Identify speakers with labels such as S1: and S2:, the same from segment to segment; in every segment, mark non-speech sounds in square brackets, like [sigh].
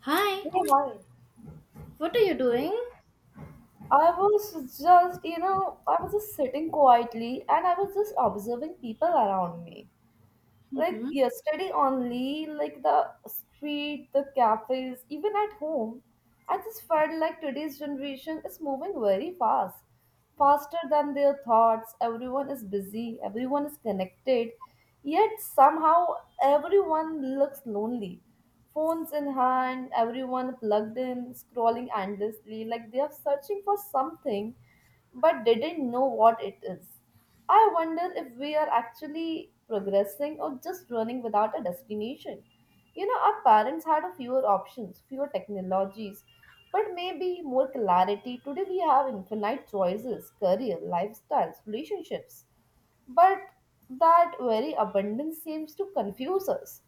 S1: Hi,
S2: Yeah, hi.
S1: what are you doing?
S2: I was just, I was just sitting quietly and I was just observing people around me. Like
S1: hmm
S2: yesterday only, like the street, the cafes, even at home, I just felt like today's generation is moving very fast, faster than their thoughts. Everyone is busy, everyone is connected, yet somehow everyone looks lonely. Phones in hand, everyone plugged in, scrolling endlessly, like they are searching for something but didn't know what it is. I wonder if we are actually progressing or just running without a destination. You know, our parents had a fewer options, fewer technologies, but maybe more clarity. Today we have infinite choices, career, lifestyles, relationships. But that very abundance seems to confuse us.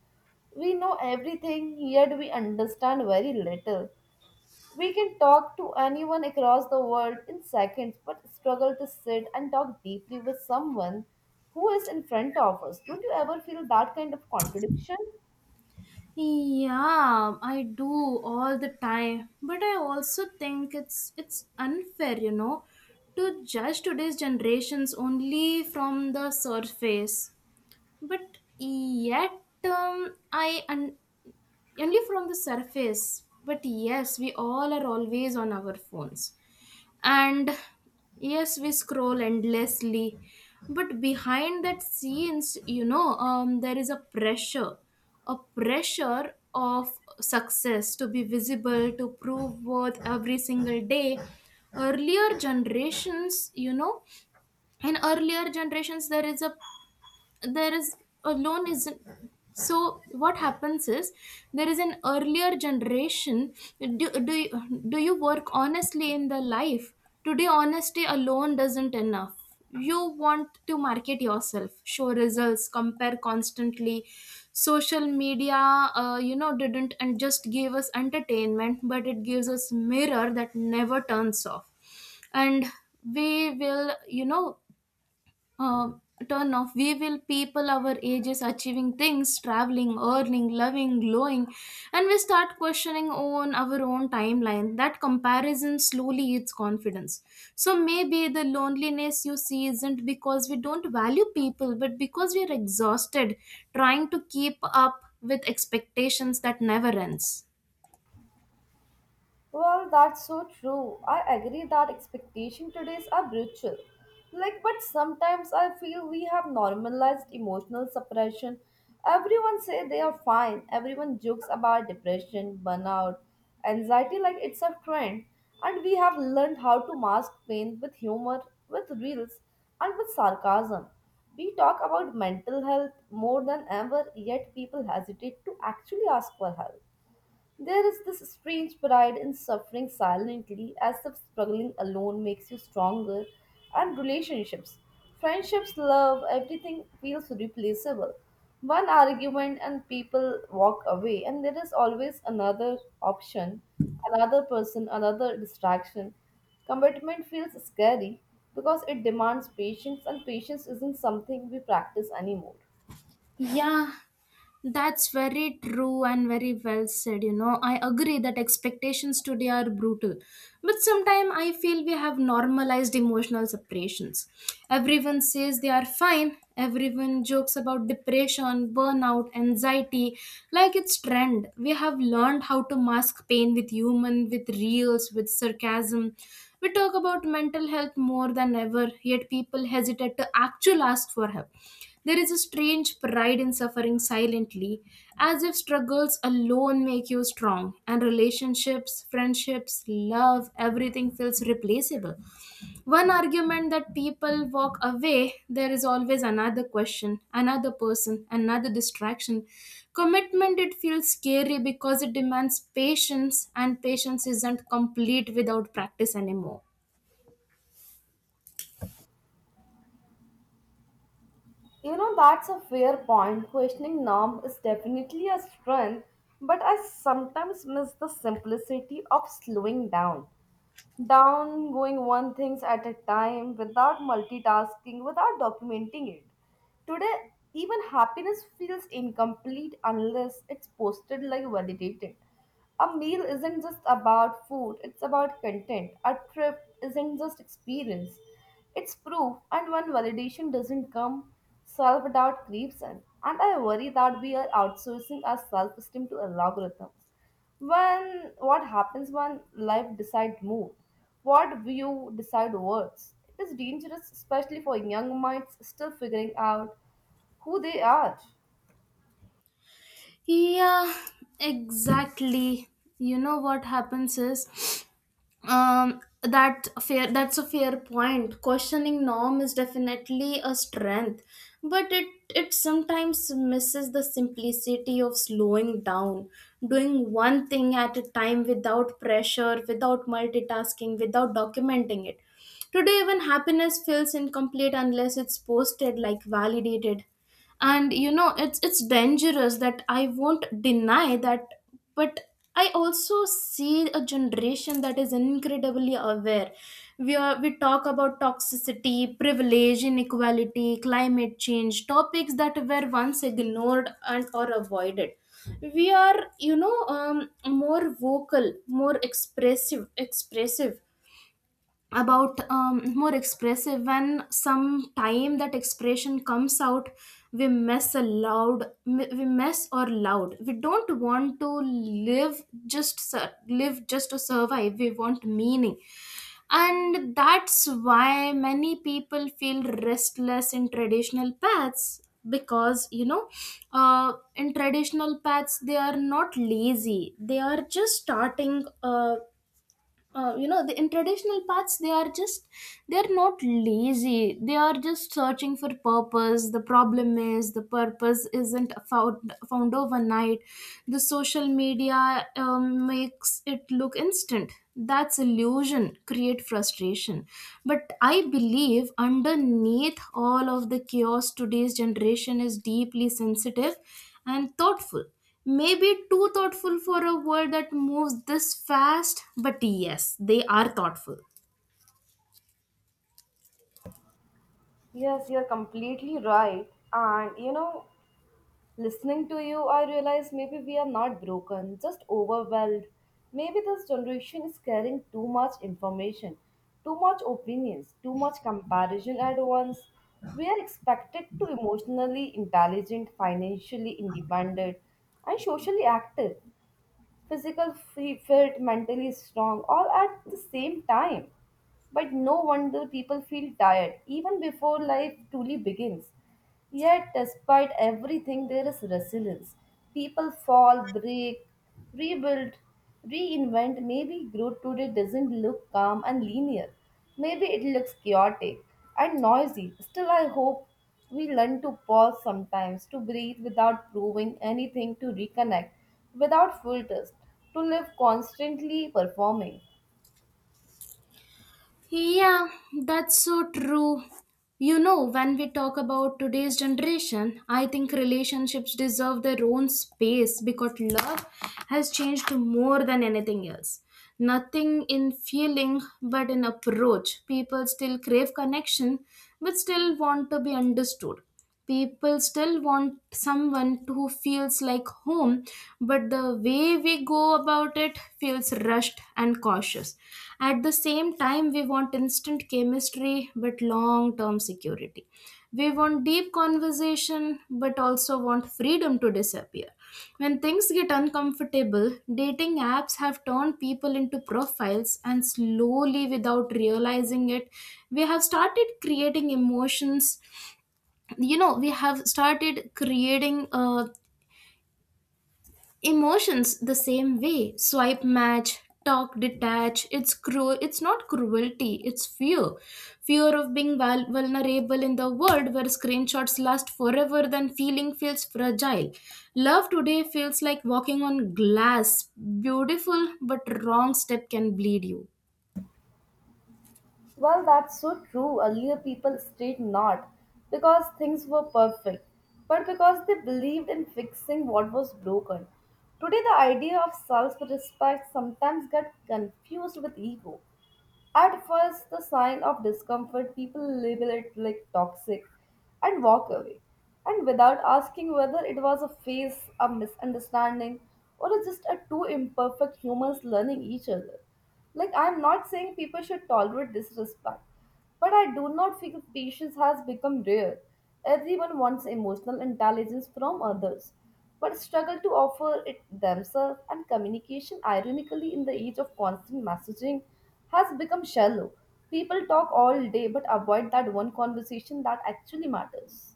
S2: We know everything, yet we understand very little. We can talk to anyone across the world in seconds, but struggle to sit and talk deeply with someone who is in front of us. Don't you ever feel that kind of contradiction?
S1: Yeah, I do all the time, but I also think it's unfair, you know, to judge today's generations only from the surface. But yet, um, I un- Only from the surface. But yes, we all are always on our phones. And yes, we scroll endlessly. But behind that scenes, there is a pressure of success to be visible, to prove worth every single day. Earlier generations, you know, in earlier generations, there is a loan isn't so what happens is there is an earlier generation do you work honestly in the life, today honesty alone doesn't enough. You want to market yourself, show results, compare constantly. Social media, you know, didn't and just gave us entertainment, but it gives us mirror that never turns off. And we will you know um, turn off. We will people our ages achieving things, traveling, earning, loving, glowing, and we start questioning on our own timeline. That comparison slowly eats confidence. So maybe the loneliness you see isn't because we don't value people, but because we are exhausted trying to keep up with expectations that never ends.
S2: Well, that's so true. I agree that expectations today are brutal. Like, but sometimes I feel we have normalized emotional suppression. Everyone say they are fine. Everyone jokes about depression, burnout, anxiety like it's a trend. And we have learned how to mask pain with humor, with reels, and with sarcasm. We talk about mental health more than ever, yet people hesitate to actually ask for help. There is this strange pride in suffering silently, as if struggling alone makes you stronger, and relationships, friendships, love, everything feels replaceable. One argument and people walk away, and there is always another option, another person, another distraction. Commitment feels scary because it demands patience, and patience isn't something we practice anymore.
S1: Yeah, that's very true and very well said. You know, I agree that expectations today are brutal, but sometimes I feel we have normalized emotional separations. Everyone says they are fine, everyone jokes about depression, burnout, anxiety like it's trend. We have learned how to mask pain with humor, with reels, with sarcasm. We talk about mental health more than ever, yet people hesitate to actually ask for help. There is a strange pride in suffering silently, as if struggles alone make you strong, and relationships, friendships, love, everything feels replaceable. One argument that people walk away, there is always another question, another person, another distraction. Commitment, it feels scary because it demands patience, and patience isn't complete without practice anymore.
S2: You know, that's a fair point. Questioning norm is definitely a strength, but I sometimes miss the simplicity of slowing down going one things at a time, without multitasking, without documenting it. Today even happiness feels incomplete unless it's posted, like validated. A meal isn't just about food, it's about content. A trip isn't just experience, it's proof. And when validation doesn't come, self-doubt creeps in, and I worry that we are outsourcing our self-esteem to algorithms. When what happens when life decide mood, what view decide words. It is dangerous, especially for young minds still figuring out who they are.
S1: Yeah, exactly. You know what happens is that's a fair point. Questioning norm is definitely a strength, but it sometimes misses the simplicity of slowing down, doing one thing at a time without pressure, without multitasking, without documenting it. Today even happiness feels incomplete unless it's posted, like validated. And you know it's dangerous, that I won't deny that. But I also see a generation that is incredibly aware. We talk about toxicity, privilege, inequality, climate change, topics that were once ignored and or avoided. We are more vocal, more expressive expressive more expressive. When sometime that expression comes out, we mess or loud. We don't want to live just to survive, we want meaning. And that's why many people feel restless in traditional paths, because in traditional paths they are not lazy, they are just starting you know the in traditional paths they are just, they're not lazy, they are just searching for purpose. The problem is the purpose isn't found overnight. The social media makes it look instant. That's illusion create frustration. But I believe underneath all of the chaos today's generation is deeply sensitive and thoughtful, maybe too thoughtful for a world that moves this fast, but yes, they are thoughtful.
S2: Yes, you're completely right. And listening to you, I realize maybe we are not broken, just overwhelmed. Maybe this generation is carrying too much information, too much opinions, too much comparison at once. We are expected to emotionally intelligent, financially independent, and socially active, physical fit, mentally strong, all at the same time. But no wonder people feel tired even before life truly begins. Yet, despite everything, there is resilience. People fall, break, rebuild, reinvent. Maybe growth today doesn't look calm and linear. Maybe it looks chaotic and noisy. Still, I hope we learn to pause sometimes, to breathe without proving anything, to reconnect without filters, to live constantly performing.
S1: Yeah, that's so true. You know, when we talk about today's generation, I think relationships deserve their own space because love has changed more than anything else. Nothing in feeling but in approach. People still crave connection but still want to be understood. People still want someone who feels like home, but the way we go about it feels rushed and cautious at the same time. We want instant chemistry but long term security. We want deep conversation but also want freedom to disappear when things get uncomfortable. Dating apps have turned people into profiles, and slowly without realizing it we have started creating emotions. You know, we have started creating emotions the same way: swipe, match, talk, detach. It's cruel. It's not cruelty, it's fear, fear of being vulnerable in the world where screenshots last forever than feeling feels fragile. Love today feels like walking on glass: beautiful, but wrong step can bleed you.
S2: Well, that's so true. Earlier, people stayed not because things were perfect, but because they believed in fixing what was broken. Today, the idea of self respect sometimes gets confused with ego. At first, the sign of discomfort, people label it like toxic and walk away. And without asking whether it was a phase, a misunderstanding, or just a two imperfect humans learning each other. Like, I'm not saying people should tolerate disrespect, but I do not feel patience has become rare. Everyone wants emotional intelligence from others, but struggle to offer it themselves, and communication, ironically, in the age of constant messaging, has become shallow. People talk all day but avoid that one conversation that actually matters.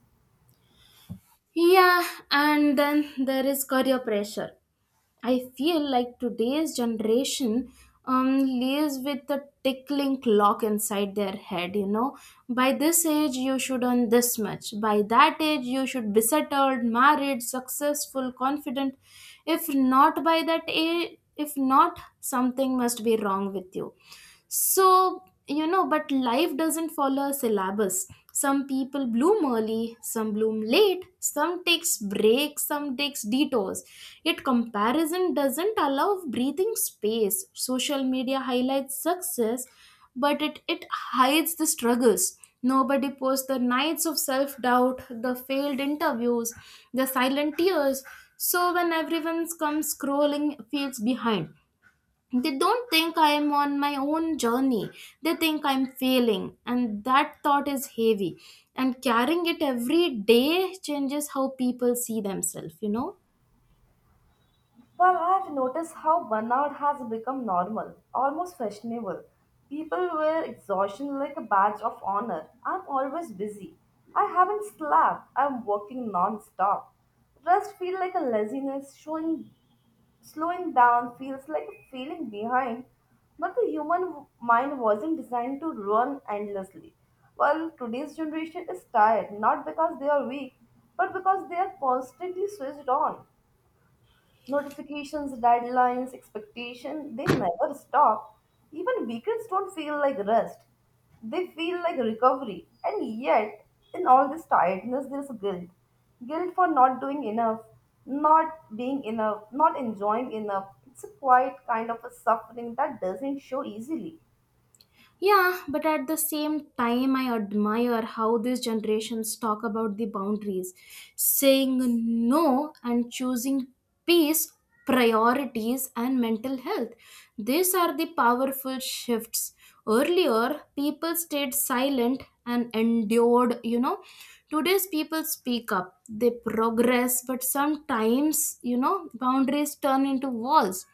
S1: Yeah, and then there is career pressure. I feel like today's generation lives with a tickling clock inside their head. You know, by this age you should earn this much. By that age you should be settled, married, successful, confident. If not by that age, if not, something must be wrong with you. So, you know, but life doesn't follow a syllabus. Some people bloom early, some bloom late, some takes breaks, some takes detours. Yet comparison doesn't allow breathing space. Social media highlights success, but it hides the struggles. Nobody posts the nights of self doubt, the failed interviews, the silent tears. So when everyone's comes scrolling, feels behind, they don't think I am on my own journey. They think I'm failing. And that thought is heavy. And carrying it every day changes how people see themselves, you know?
S2: Well, I've noticed how burnout has become normal, almost fashionable. People wear exhaustion like a badge of honor. I'm always busy. I haven't slept. I'm working non-stop. Rest feels like a laziness. Showing, slowing down feels like a feeling behind. But the human mind wasn't designed to run endlessly. Well, today's generation is tired not because they are weak, but because they are constantly switched on. Notifications, deadlines, expectation, they never stop. Even weekends don't feel like rest. They feel like recovery. And yet, in all this tiredness, there's guilt. Guilt for not doing enough, not being enough, not enjoying enough. It's a quiet kind of a suffering that doesn't show easily.
S1: Yeah, but at the same time, I admire how these generations talk about the boundaries, saying no and choosing peace, priorities, and mental health. These are the powerful shifts. Earlier, people stayed silent and endured, you know. Today's people speak up, they progress, but sometimes, you know, boundaries turn into walls.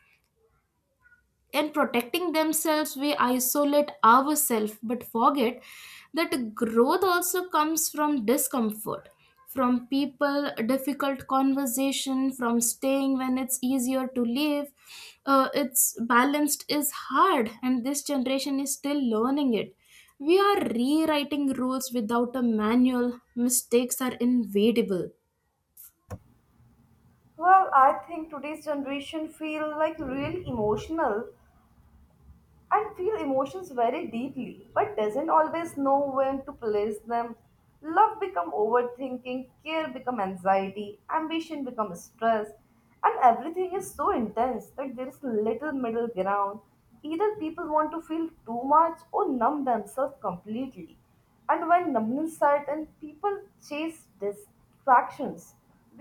S1: In protecting themselves we isolate ourselves but forget that growth also comes from discomfort, from people difficult conversation, from staying when it's easier to leave. It's balanced is hard and this generation is still learning it. We are rewriting rules without a manual. Mistakes are inevitable.
S2: Well, I think today's generation feel like really emotional and feel emotions very deeply but doesn't always know when to place them. Love become overthinking, care become anxiety, ambition become stress, and everything is so intense that there is little middle ground. Either people want to feel too much or numb themselves completely, and when numbness set in, people chase distractions,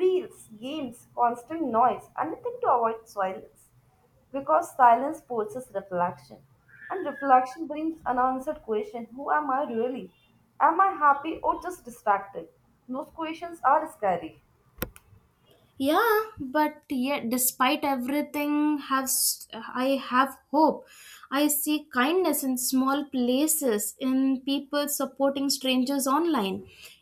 S2: reels, games, constant noise, anything to avoid silence, because silence forces reflection, and reflection brings unanswered question: Who am I really? Am I happy or just distracted? Those questions are scary.
S1: Yeah, but yet despite everything I have hope. I see kindness in small places, in people supporting strangers online,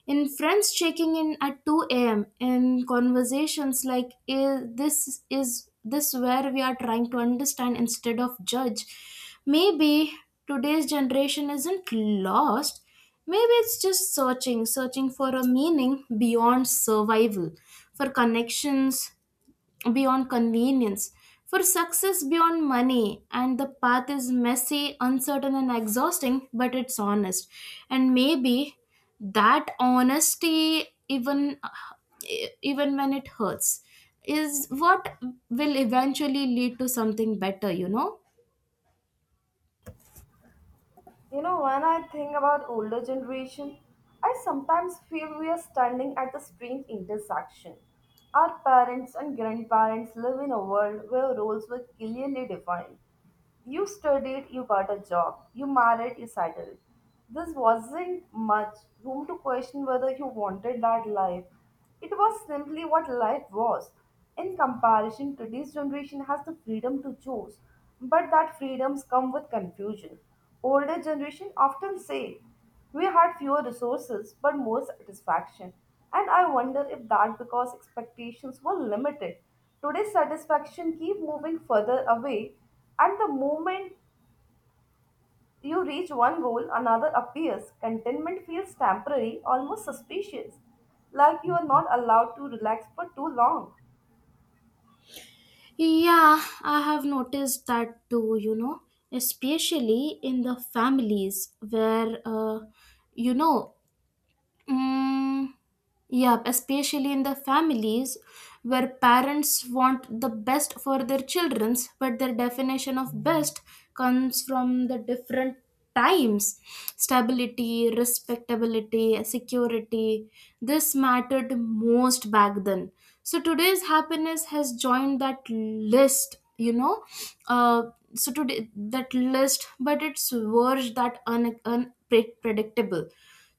S1: in friends checking in at 2 a.m, in conversations like this is this where we are trying to understand instead of judge." Maybe today's generation isn't lost. Maybe it's just searching, searching for a meaning beyond survival, for connections beyond convenience, for success beyond money. And the path is messy, uncertain, and exhausting, but it's honest. And maybe that honesty, even when it hurts, is what will eventually lead to something better, you know?
S2: You know, when I think about older generation, I sometimes feel we are standing at a strange intersection. Our parents and grandparents live in a world where roles were clearly defined. You studied, you got a job, you married, you settled. This wasn't much room to question whether you wanted that life. It was simply what life was. In comparison, today's generation has the freedom to choose, but that freedoms come with confusion. Older generation often say we had fewer resources but more satisfaction, and I wonder if that because expectations were limited. Today's satisfaction keep moving further away, and the moment you reach one goal, another appears. Contentment feels temporary, almost suspicious, like you are not allowed to relax for too long.
S1: Yeah, I have noticed that too, you know, especially in the families where, you know, Mm, yep, especially in the families where parents want the best for their children, but their definition of best comes from the different times: stability, respectability, security. This mattered most back then. So today's happiness has joined that list, you know. Uh, so today that list, but it's worse that unpredictable.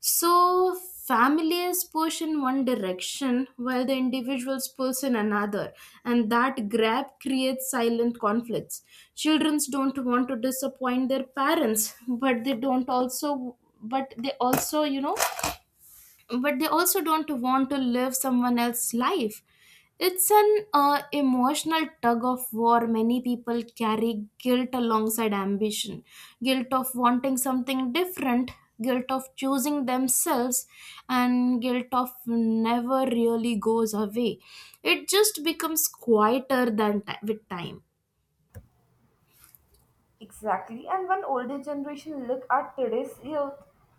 S1: So families push in one direction while the individuals pulls in another, and that grab creates silent conflicts. Children don't want to disappoint their parents, [laughs] but they don't also but they also, you know, but they also don't want to live someone else's life. It's an emotional tug of war. Many people carry guilt alongside ambition, guilt of wanting something different, guilt of choosing themselves, and guilt of never really goes away. It just becomes quieter than with time.
S2: Exactly, and when older generation look at today's youth,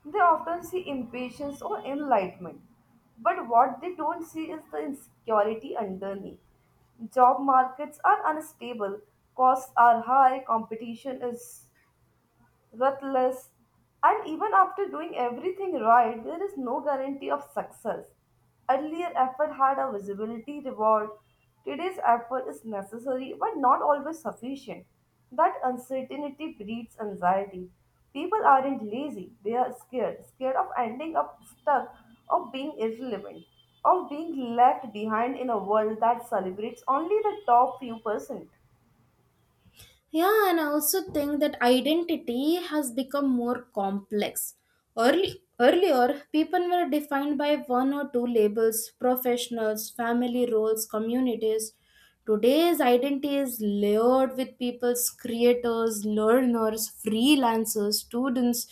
S2: they often see impatience or enlightenment. But what they don't see is the insecurity underneath. Job markets are unstable, costs are high, competition is ruthless, and even after doing everything right, there is no guarantee of success. Earlier effort had a visibility reward. Today's effort is necessary but not always sufficient. That uncertainty breeds anxiety. People aren't lazy, they are scared, scared of ending up stuck, of being irrelevant, of being left behind in a world that celebrates only the top few percent.
S1: Yeah, and I also think that identity has become more complex. Earlier, people were defined by one or two labels: professionals, family roles, communities. Today's identity is layered with people's creators, learners, freelancers, students,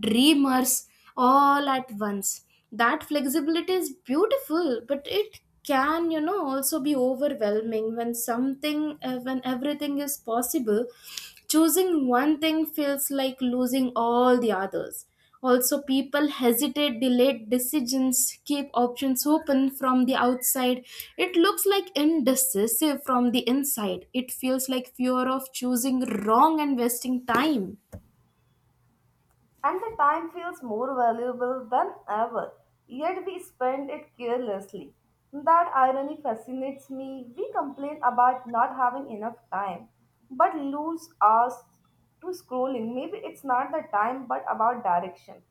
S1: dreamers, all at once. That flexibility is beautiful, but it can, you know, also be overwhelming. When everything is possible, choosing one thing feels like losing all the others. Also people hesitate, delayed decisions keep options open. From the outside it looks like indecisive, from the inside it feels like fear of choosing wrong and wasting time.
S2: And the time feels more valuable than ever, yet we spend it carelessly. That irony fascinates me. We complain about not having enough time, but lose hours to scrolling. Maybe it's not the time, but about direction.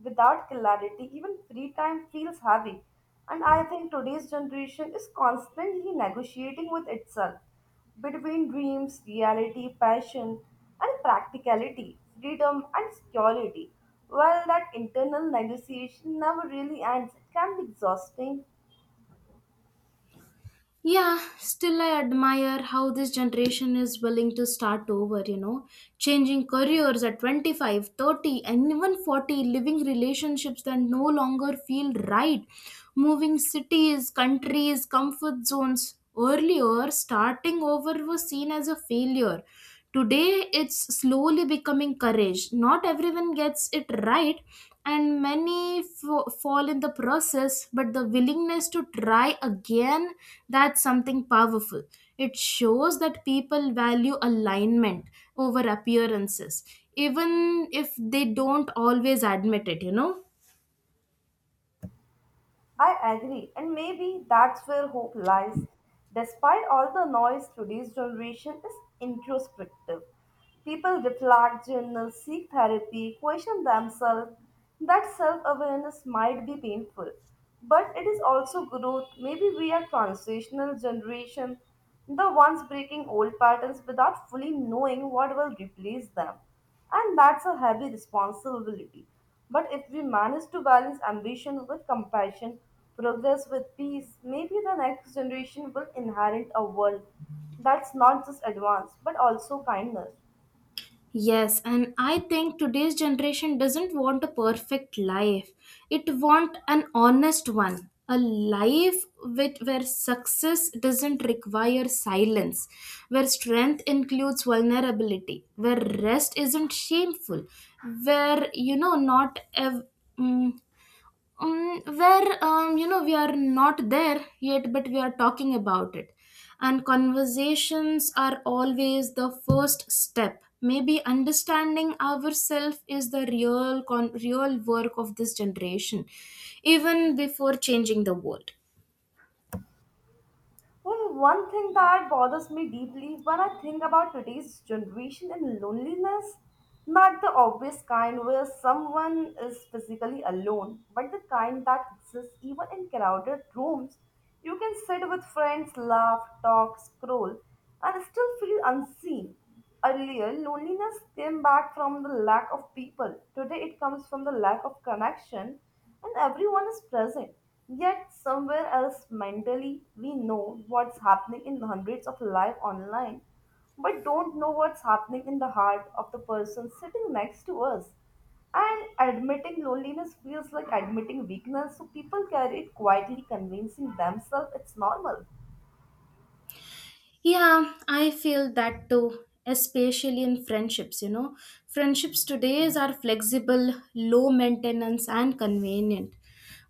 S2: Without clarity, even free time feels heavy. And I think today's generation is constantly negotiating with itself. Between dreams, reality, passion, and practicality, freedom, and security. While that internal negotiation never really ends. It can be exhausting.
S1: Yeah, still I admire how this generation is willing to start over, you know, changing careers at 25, 30, and even 40, living relationships that no longer feel right, moving cities, countries, comfort zones. Earlier, starting over was seen as a failure. Today, it's slowly becoming courage. Not everyone gets it right, and many fall in the process, but the willingness to try again, that's something powerful. It shows that people value alignment over appearances, even if they don't always admit it, you know.
S2: I agree, and maybe that's where hope lies. Despite all the noise, today's generation is introspective. People reflect, journal, seek therapy, question themselves. That self awareness might be painful, but it is also growth. Maybe we are transitional generation, the ones breaking old patterns without fully knowing what will replace them. And that's a heavy responsibility. But if we manage to balance ambition with compassion, progress with peace, maybe the next generation will inherit a world that's not just advanced but also kindness.
S1: Yes, and I think today's generation doesn't want a perfect life. It want an honest one, a life with where success doesn't require silence, where strength includes vulnerability, where rest isn't shameful, where you know not ev- mm, where you know we are not there yet but we are talking about it. And conversations are always the first step. Maybe understanding ourselves is the real work of this generation, even before changing the world.
S2: Well, one thing that bothers me deeply when I think about today's generation and loneliness, not the obvious kind where someone is physically alone, but the kind that exists even in crowded rooms. You can sit with friends, laugh, talk, scroll, and still feel unseen. Earlier, loneliness came back from the lack of people. Today, it comes from the lack of connection, and everyone is present. Yet, somewhere else mentally, we know what's happening in hundreds of live online, but don't know what's happening in the heart of the person sitting next to us. And admitting loneliness feels like admitting weakness, so people carry it quietly, convincing themselves it's normal.
S1: Yeah, I feel that too, especially in friendships, you know. Friendships today are flexible, low maintenance, and convenient.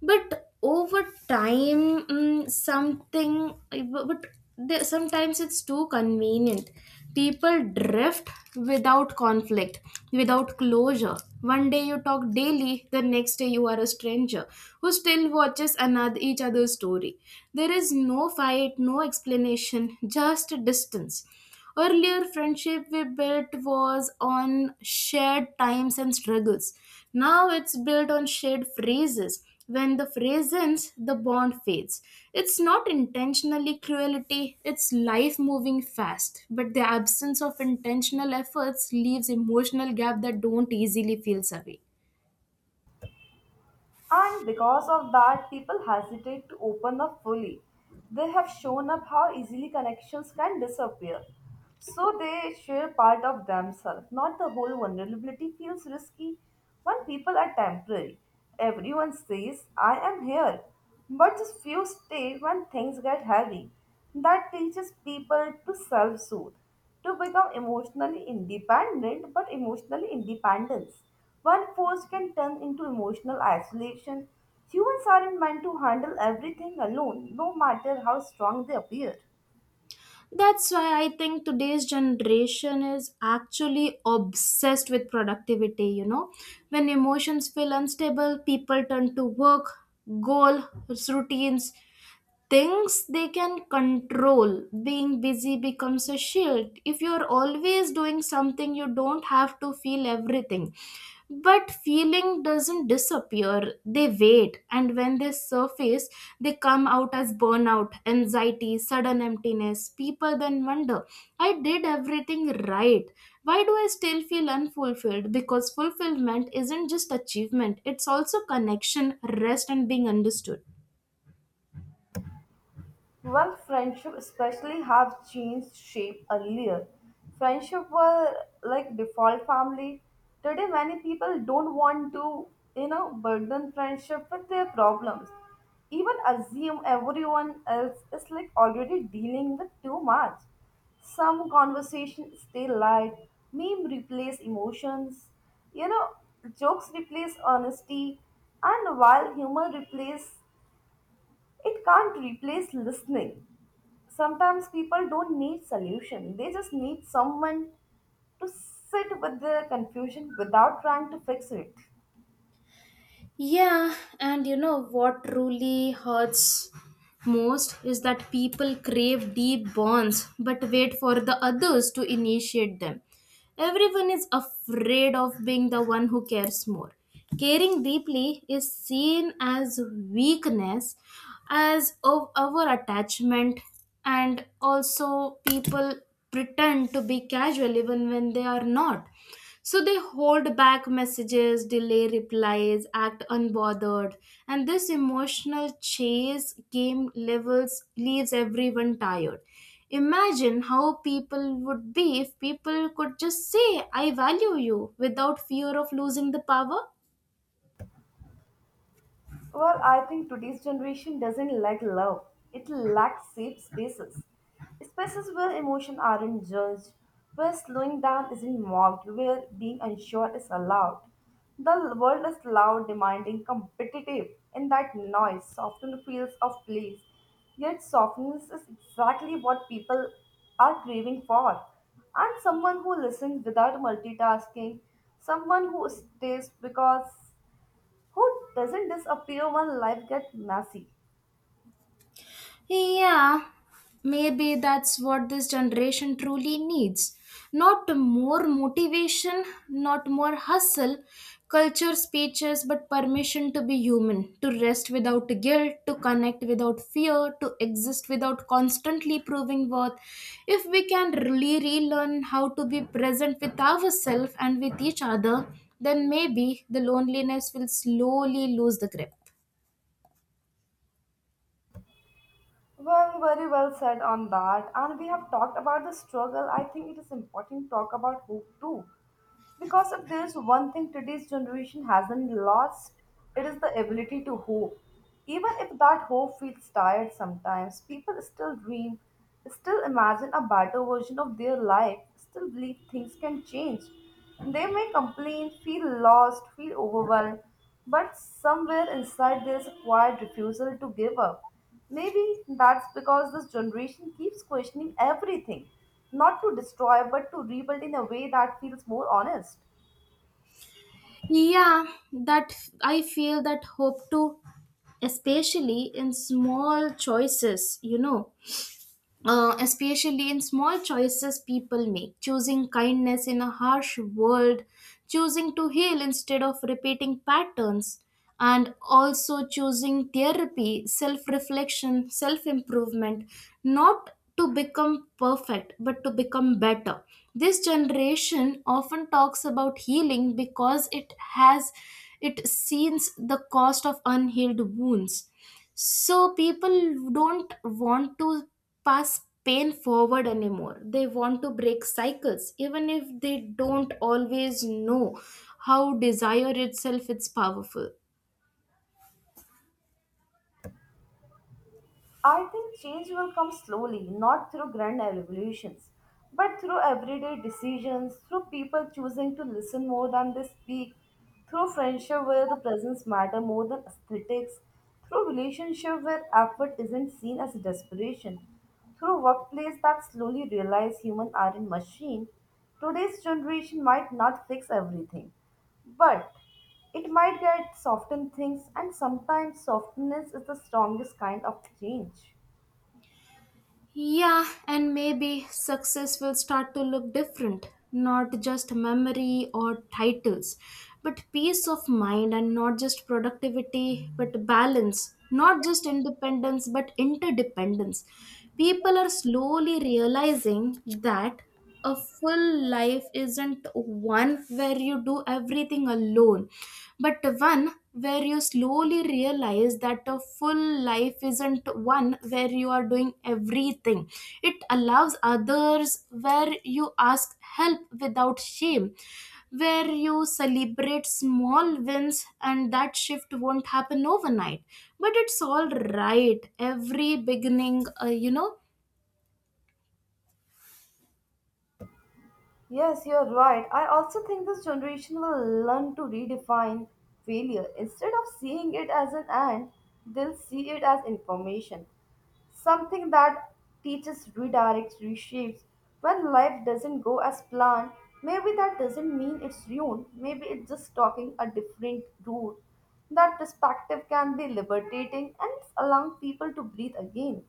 S1: But over time, but sometimes it's too convenient. People drift without conflict, without closure. One day you talk daily, the next day you are a stranger who still watches another each other's story. There is no fight, no explanation, just distance. Earlier friendship we built was on shared times and struggles. Now it's built on shared phrases. When the phrase ends, the bond fades. It's not intentionally cruelty, it's life moving fast. But the absence of intentional efforts leaves emotional gap that don't easily feel away.
S2: And because of that, people hesitate to open up fully. They have shown up how easily connections can disappear. So they share part of themselves, not the whole vulnerability feels risky. When people are temporary, everyone says, I am here. But just few stay when things get heavy. That teaches people to self soothe to become emotionally independent, but emotional independence, one force can turn into emotional isolation. Humans aren't meant to handle everything alone, no matter how strong they appear.
S1: That's why I think today's generation is actually obsessed with productivity. When emotions feel unstable, people turn to work, goal, routines, things they can control. Being busy becomes a shield. If you're always doing something, you don't have to feel everything. But feeling doesn't disappear, they wait, and when they surface, they come out as burnout, anxiety, sudden emptiness. People then wonder, I did everything right. Why do I still feel unfulfilled? Because fulfillment isn't just achievement, it's also connection, rest, and being understood.
S2: When friendship especially have changed shape earlier, friendship were like default family. Today many people don't want to, you know, burden friendship with their problems. Even assume everyone else is like already dealing with too much. Some conversations stay light, meme replace emotions, you know, jokes replace honesty, and while humor replace it can't replace listening. Sometimes people don't need solution. They just need someone to sit with their confusion without trying to fix it.
S1: Yeah, and you know what truly hurts most is that people crave deep bonds but wait for the others to initiate them. Everyone is afraid of being the one who cares more. Caring deeply is seen as weakness, as of our attachment, and also people pretend to be casual even when they are not, so they hold back messages, delay replies, act unbothered, and this emotional chase game levels leaves everyone tired. Imagine how people would be if people could just say, I value you, without fear of losing the power.
S2: Well, I think today's generation doesn't lack love. It lacks safe spaces. Spaces where emotions aren't judged, where slowing down isn't mocked, where being unsure is allowed. The world is loud, demanding, competitive. In that noise, soften feels of place. Yet softness is exactly what people are craving for. And someone who listens without multitasking, someone who stays because who doesn't disappear when life gets messy?
S1: Yeah, maybe that's what this generation truly needs. Not more motivation, not more hustle, culture speeches, but permission to be human, to rest without guilt, to connect without fear, to exist without constantly proving worth. If we can really relearn how to be present with ourselves and with each other, then maybe the loneliness will slowly lose the grip.
S2: Well, very well said on that. And we have talked about the struggle. I think it is important to talk about hope too. Because if there is one thing today's generation hasn't lost, it is the ability to hope. Even if that hope feels tired sometimes, people still dream, still imagine a better version of their life, still believe things can change. They may complain, feel lost, feel overwhelmed, but somewhere inside there is a quiet refusal to give up. Maybe that's because this generation keeps questioning everything, not to destroy, but to rebuild in a way that feels more honest.
S1: Yeah, that I feel that hope too, especially in small choices, you know especially in small choices people make, choosing kindness in a harsh world, choosing to heal instead of repeating patterns, and also choosing therapy, self reflection, self improvement, not to become perfect but to become better. This generation often talks about healing because it sees the cost of unhealed wounds, so people don't want to pass pain forward anymore. They want to break cycles even if they don't always know how. Desire itself is powerful.
S2: I think change will come slowly, not through grand revolutions, but through everyday decisions, through people choosing to listen more than they speak, through friendship where the presence matter more than aesthetics, through relationship where effort isn't seen as desperation, through workplace that slowly realize human are in machine. Today's generation might not fix everything, but it might get soften things, and sometimes softness is the strongest kind of change.
S1: Yeah, and maybe success will start to look different, not just memory or titles, but peace of mind, and not just productivity, but balance, not just independence, but interdependence. People are slowly realizing that a full life isn't one where you do everything alone but one where you slowly realize that a full life isn't one where you are doing everything, it allows others where you ask help without shame, where you celebrate small wins. And that shift won't happen overnight, but it's all right. Every beginning.
S2: Yes, you're right. I also think this generation will learn to redefine failure. Instead of seeing it as an end, they'll see it as information. Something that teaches, redirects, reshapes. When life doesn't go as planned, maybe that doesn't mean it's ruined. Maybe it's just talking a different route. That perspective can be liberating and allowing people to breathe again.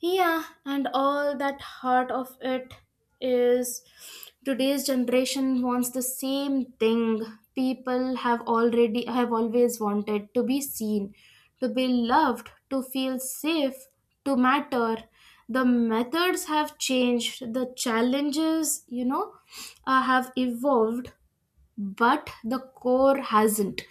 S1: Yeah, and all that heart of it is, today's generation wants the same thing people have already have always wanted: to be seen, to be loved, to feel safe, to matter. The methods have changed, the challenges have evolved, but the core hasn't,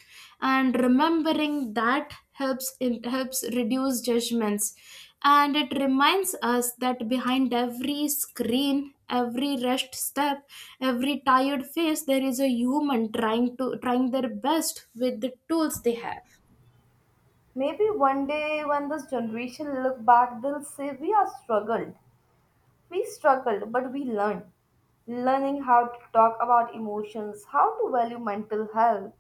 S1: and remembering that helps reduce judgments, and it reminds us that behind every screen, every rushed step, every tired face, there is a human trying their best with the tools they have.
S2: Maybe one day when this generation look back, they'll say we are struggled. We struggled, but we learned. Learning how to talk about emotions, how to value mental health,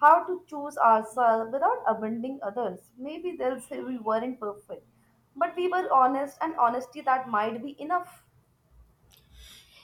S2: how to choose ourselves without abandoning others. Maybe they'll say we weren't perfect, but we were honest, and honesty that might be enough.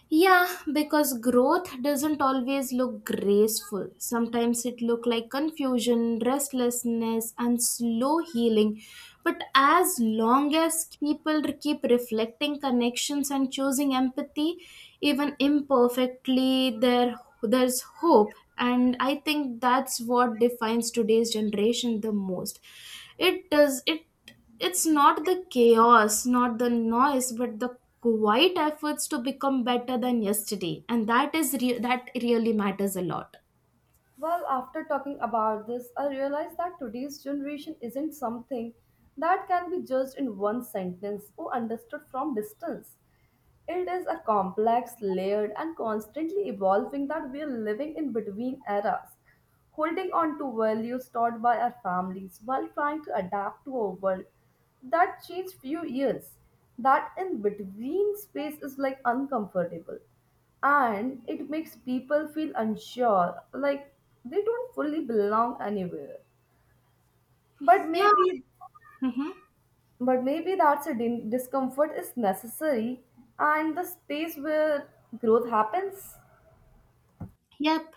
S1: Yeah, because growth doesn't always look graceful. Sometimes it look like confusion, restlessness, and slow healing. But as long as people keep reflecting connections and choosing empathy, even imperfectly, there's hope. And I think that's what defines today's generation the most. It does it It's not the chaos, not the noise, but the quiet efforts to become better than yesterday, and that is that really matters a lot.
S2: Well, after talking about this, I realized that today's generation isn't something that can be judged in one sentence or understood from distance. It is a complex, layered, and constantly evolving that we are living in between eras, holding on to values taught by our families while trying to adapt to a world that changed few years. That in between space is like uncomfortable and it makes people feel unsure, like they don't fully belong anywhere. But
S1: Yeah.
S2: maybe
S1: Mhm.
S2: but maybe that's a discomfort is necessary and the space where growth happens.
S1: Yep,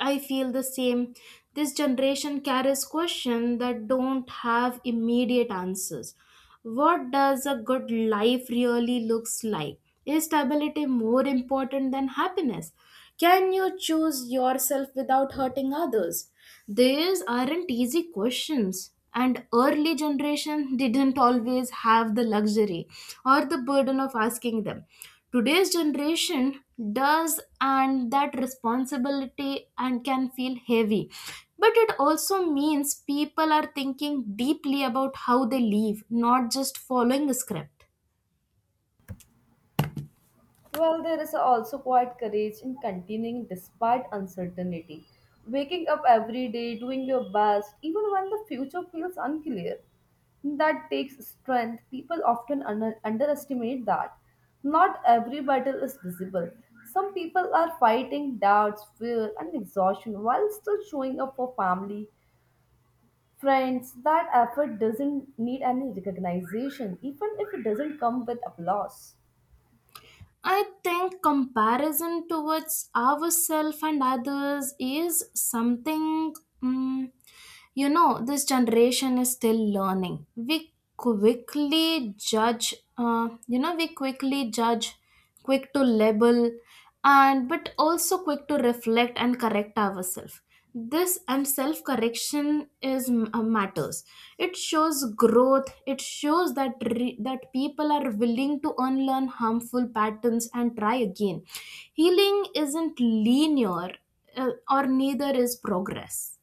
S1: I feel the same. This generation carries questions that don't have immediate answers. What does a good life really looks like? Is stability more important than happiness? Can you choose yourself without hurting others? These aren't easy questions, and early generation didn't always have the luxury or the burden of asking them. Today's generation does, and that responsibility and can feel heavy, but it also means people are thinking deeply about how they live, not just following a script.
S2: Well, there is also quite courage in continuing despite uncertainty. Waking up every day, doing your best, even when the future feels unclear. That takes strength. People often underestimate that. Not every battle is visible. Some people are fighting doubts, fear, and exhaustion while still showing up for family, friends, that effort doesn't need any recognition, even if it doesn't come with applause.
S1: I think comparison towards ourselves and others is something, mm, this generation is still learning. We quickly judge, quick to label, and but also quick to reflect and correct ourselves. This and Self correction matters. It shows growth. It shows that people are willing to unlearn harmful patterns and try again. Healing isn't linear, or neither is progress.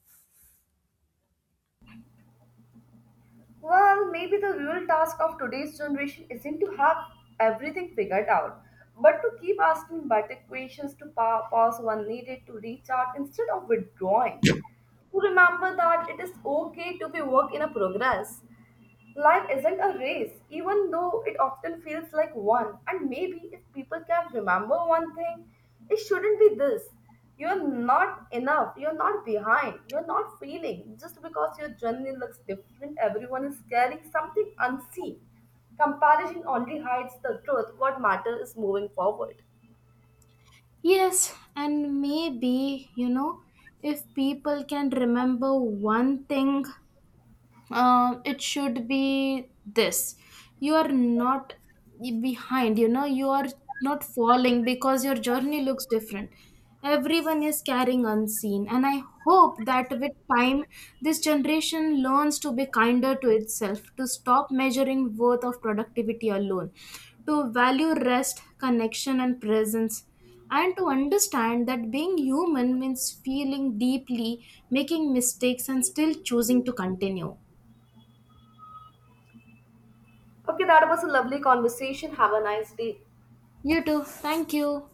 S2: Well, maybe the real task of today's generation isn't to have everything figured out, but to keep asking better questions, to pause when needed, to reach out instead of withdrawing. To remember that it is okay to be work in a progress. Life isn't a race, even though it often feels like one. And maybe if people can remember one thing, it shouldn't be this. You're not enough, you're not behind, you're not failing. Just because your journey looks different, everyone is carrying something unseen. Comparison only hides the truth. What matters is moving forward.
S1: Yes, and maybe if people can remember one thing, it should be this: you are not behind, you are not falling because your journey looks different. Everyone is carrying unseen, and I hope that with time this generation learns to be kinder to itself, to stop measuring worth of productivity alone, to value rest, connection, and presence, and to understand that being human means feeling deeply, making mistakes, and still choosing to continue.
S2: Okay, that was a lovely conversation. Have a nice day.
S1: You too. Thank you.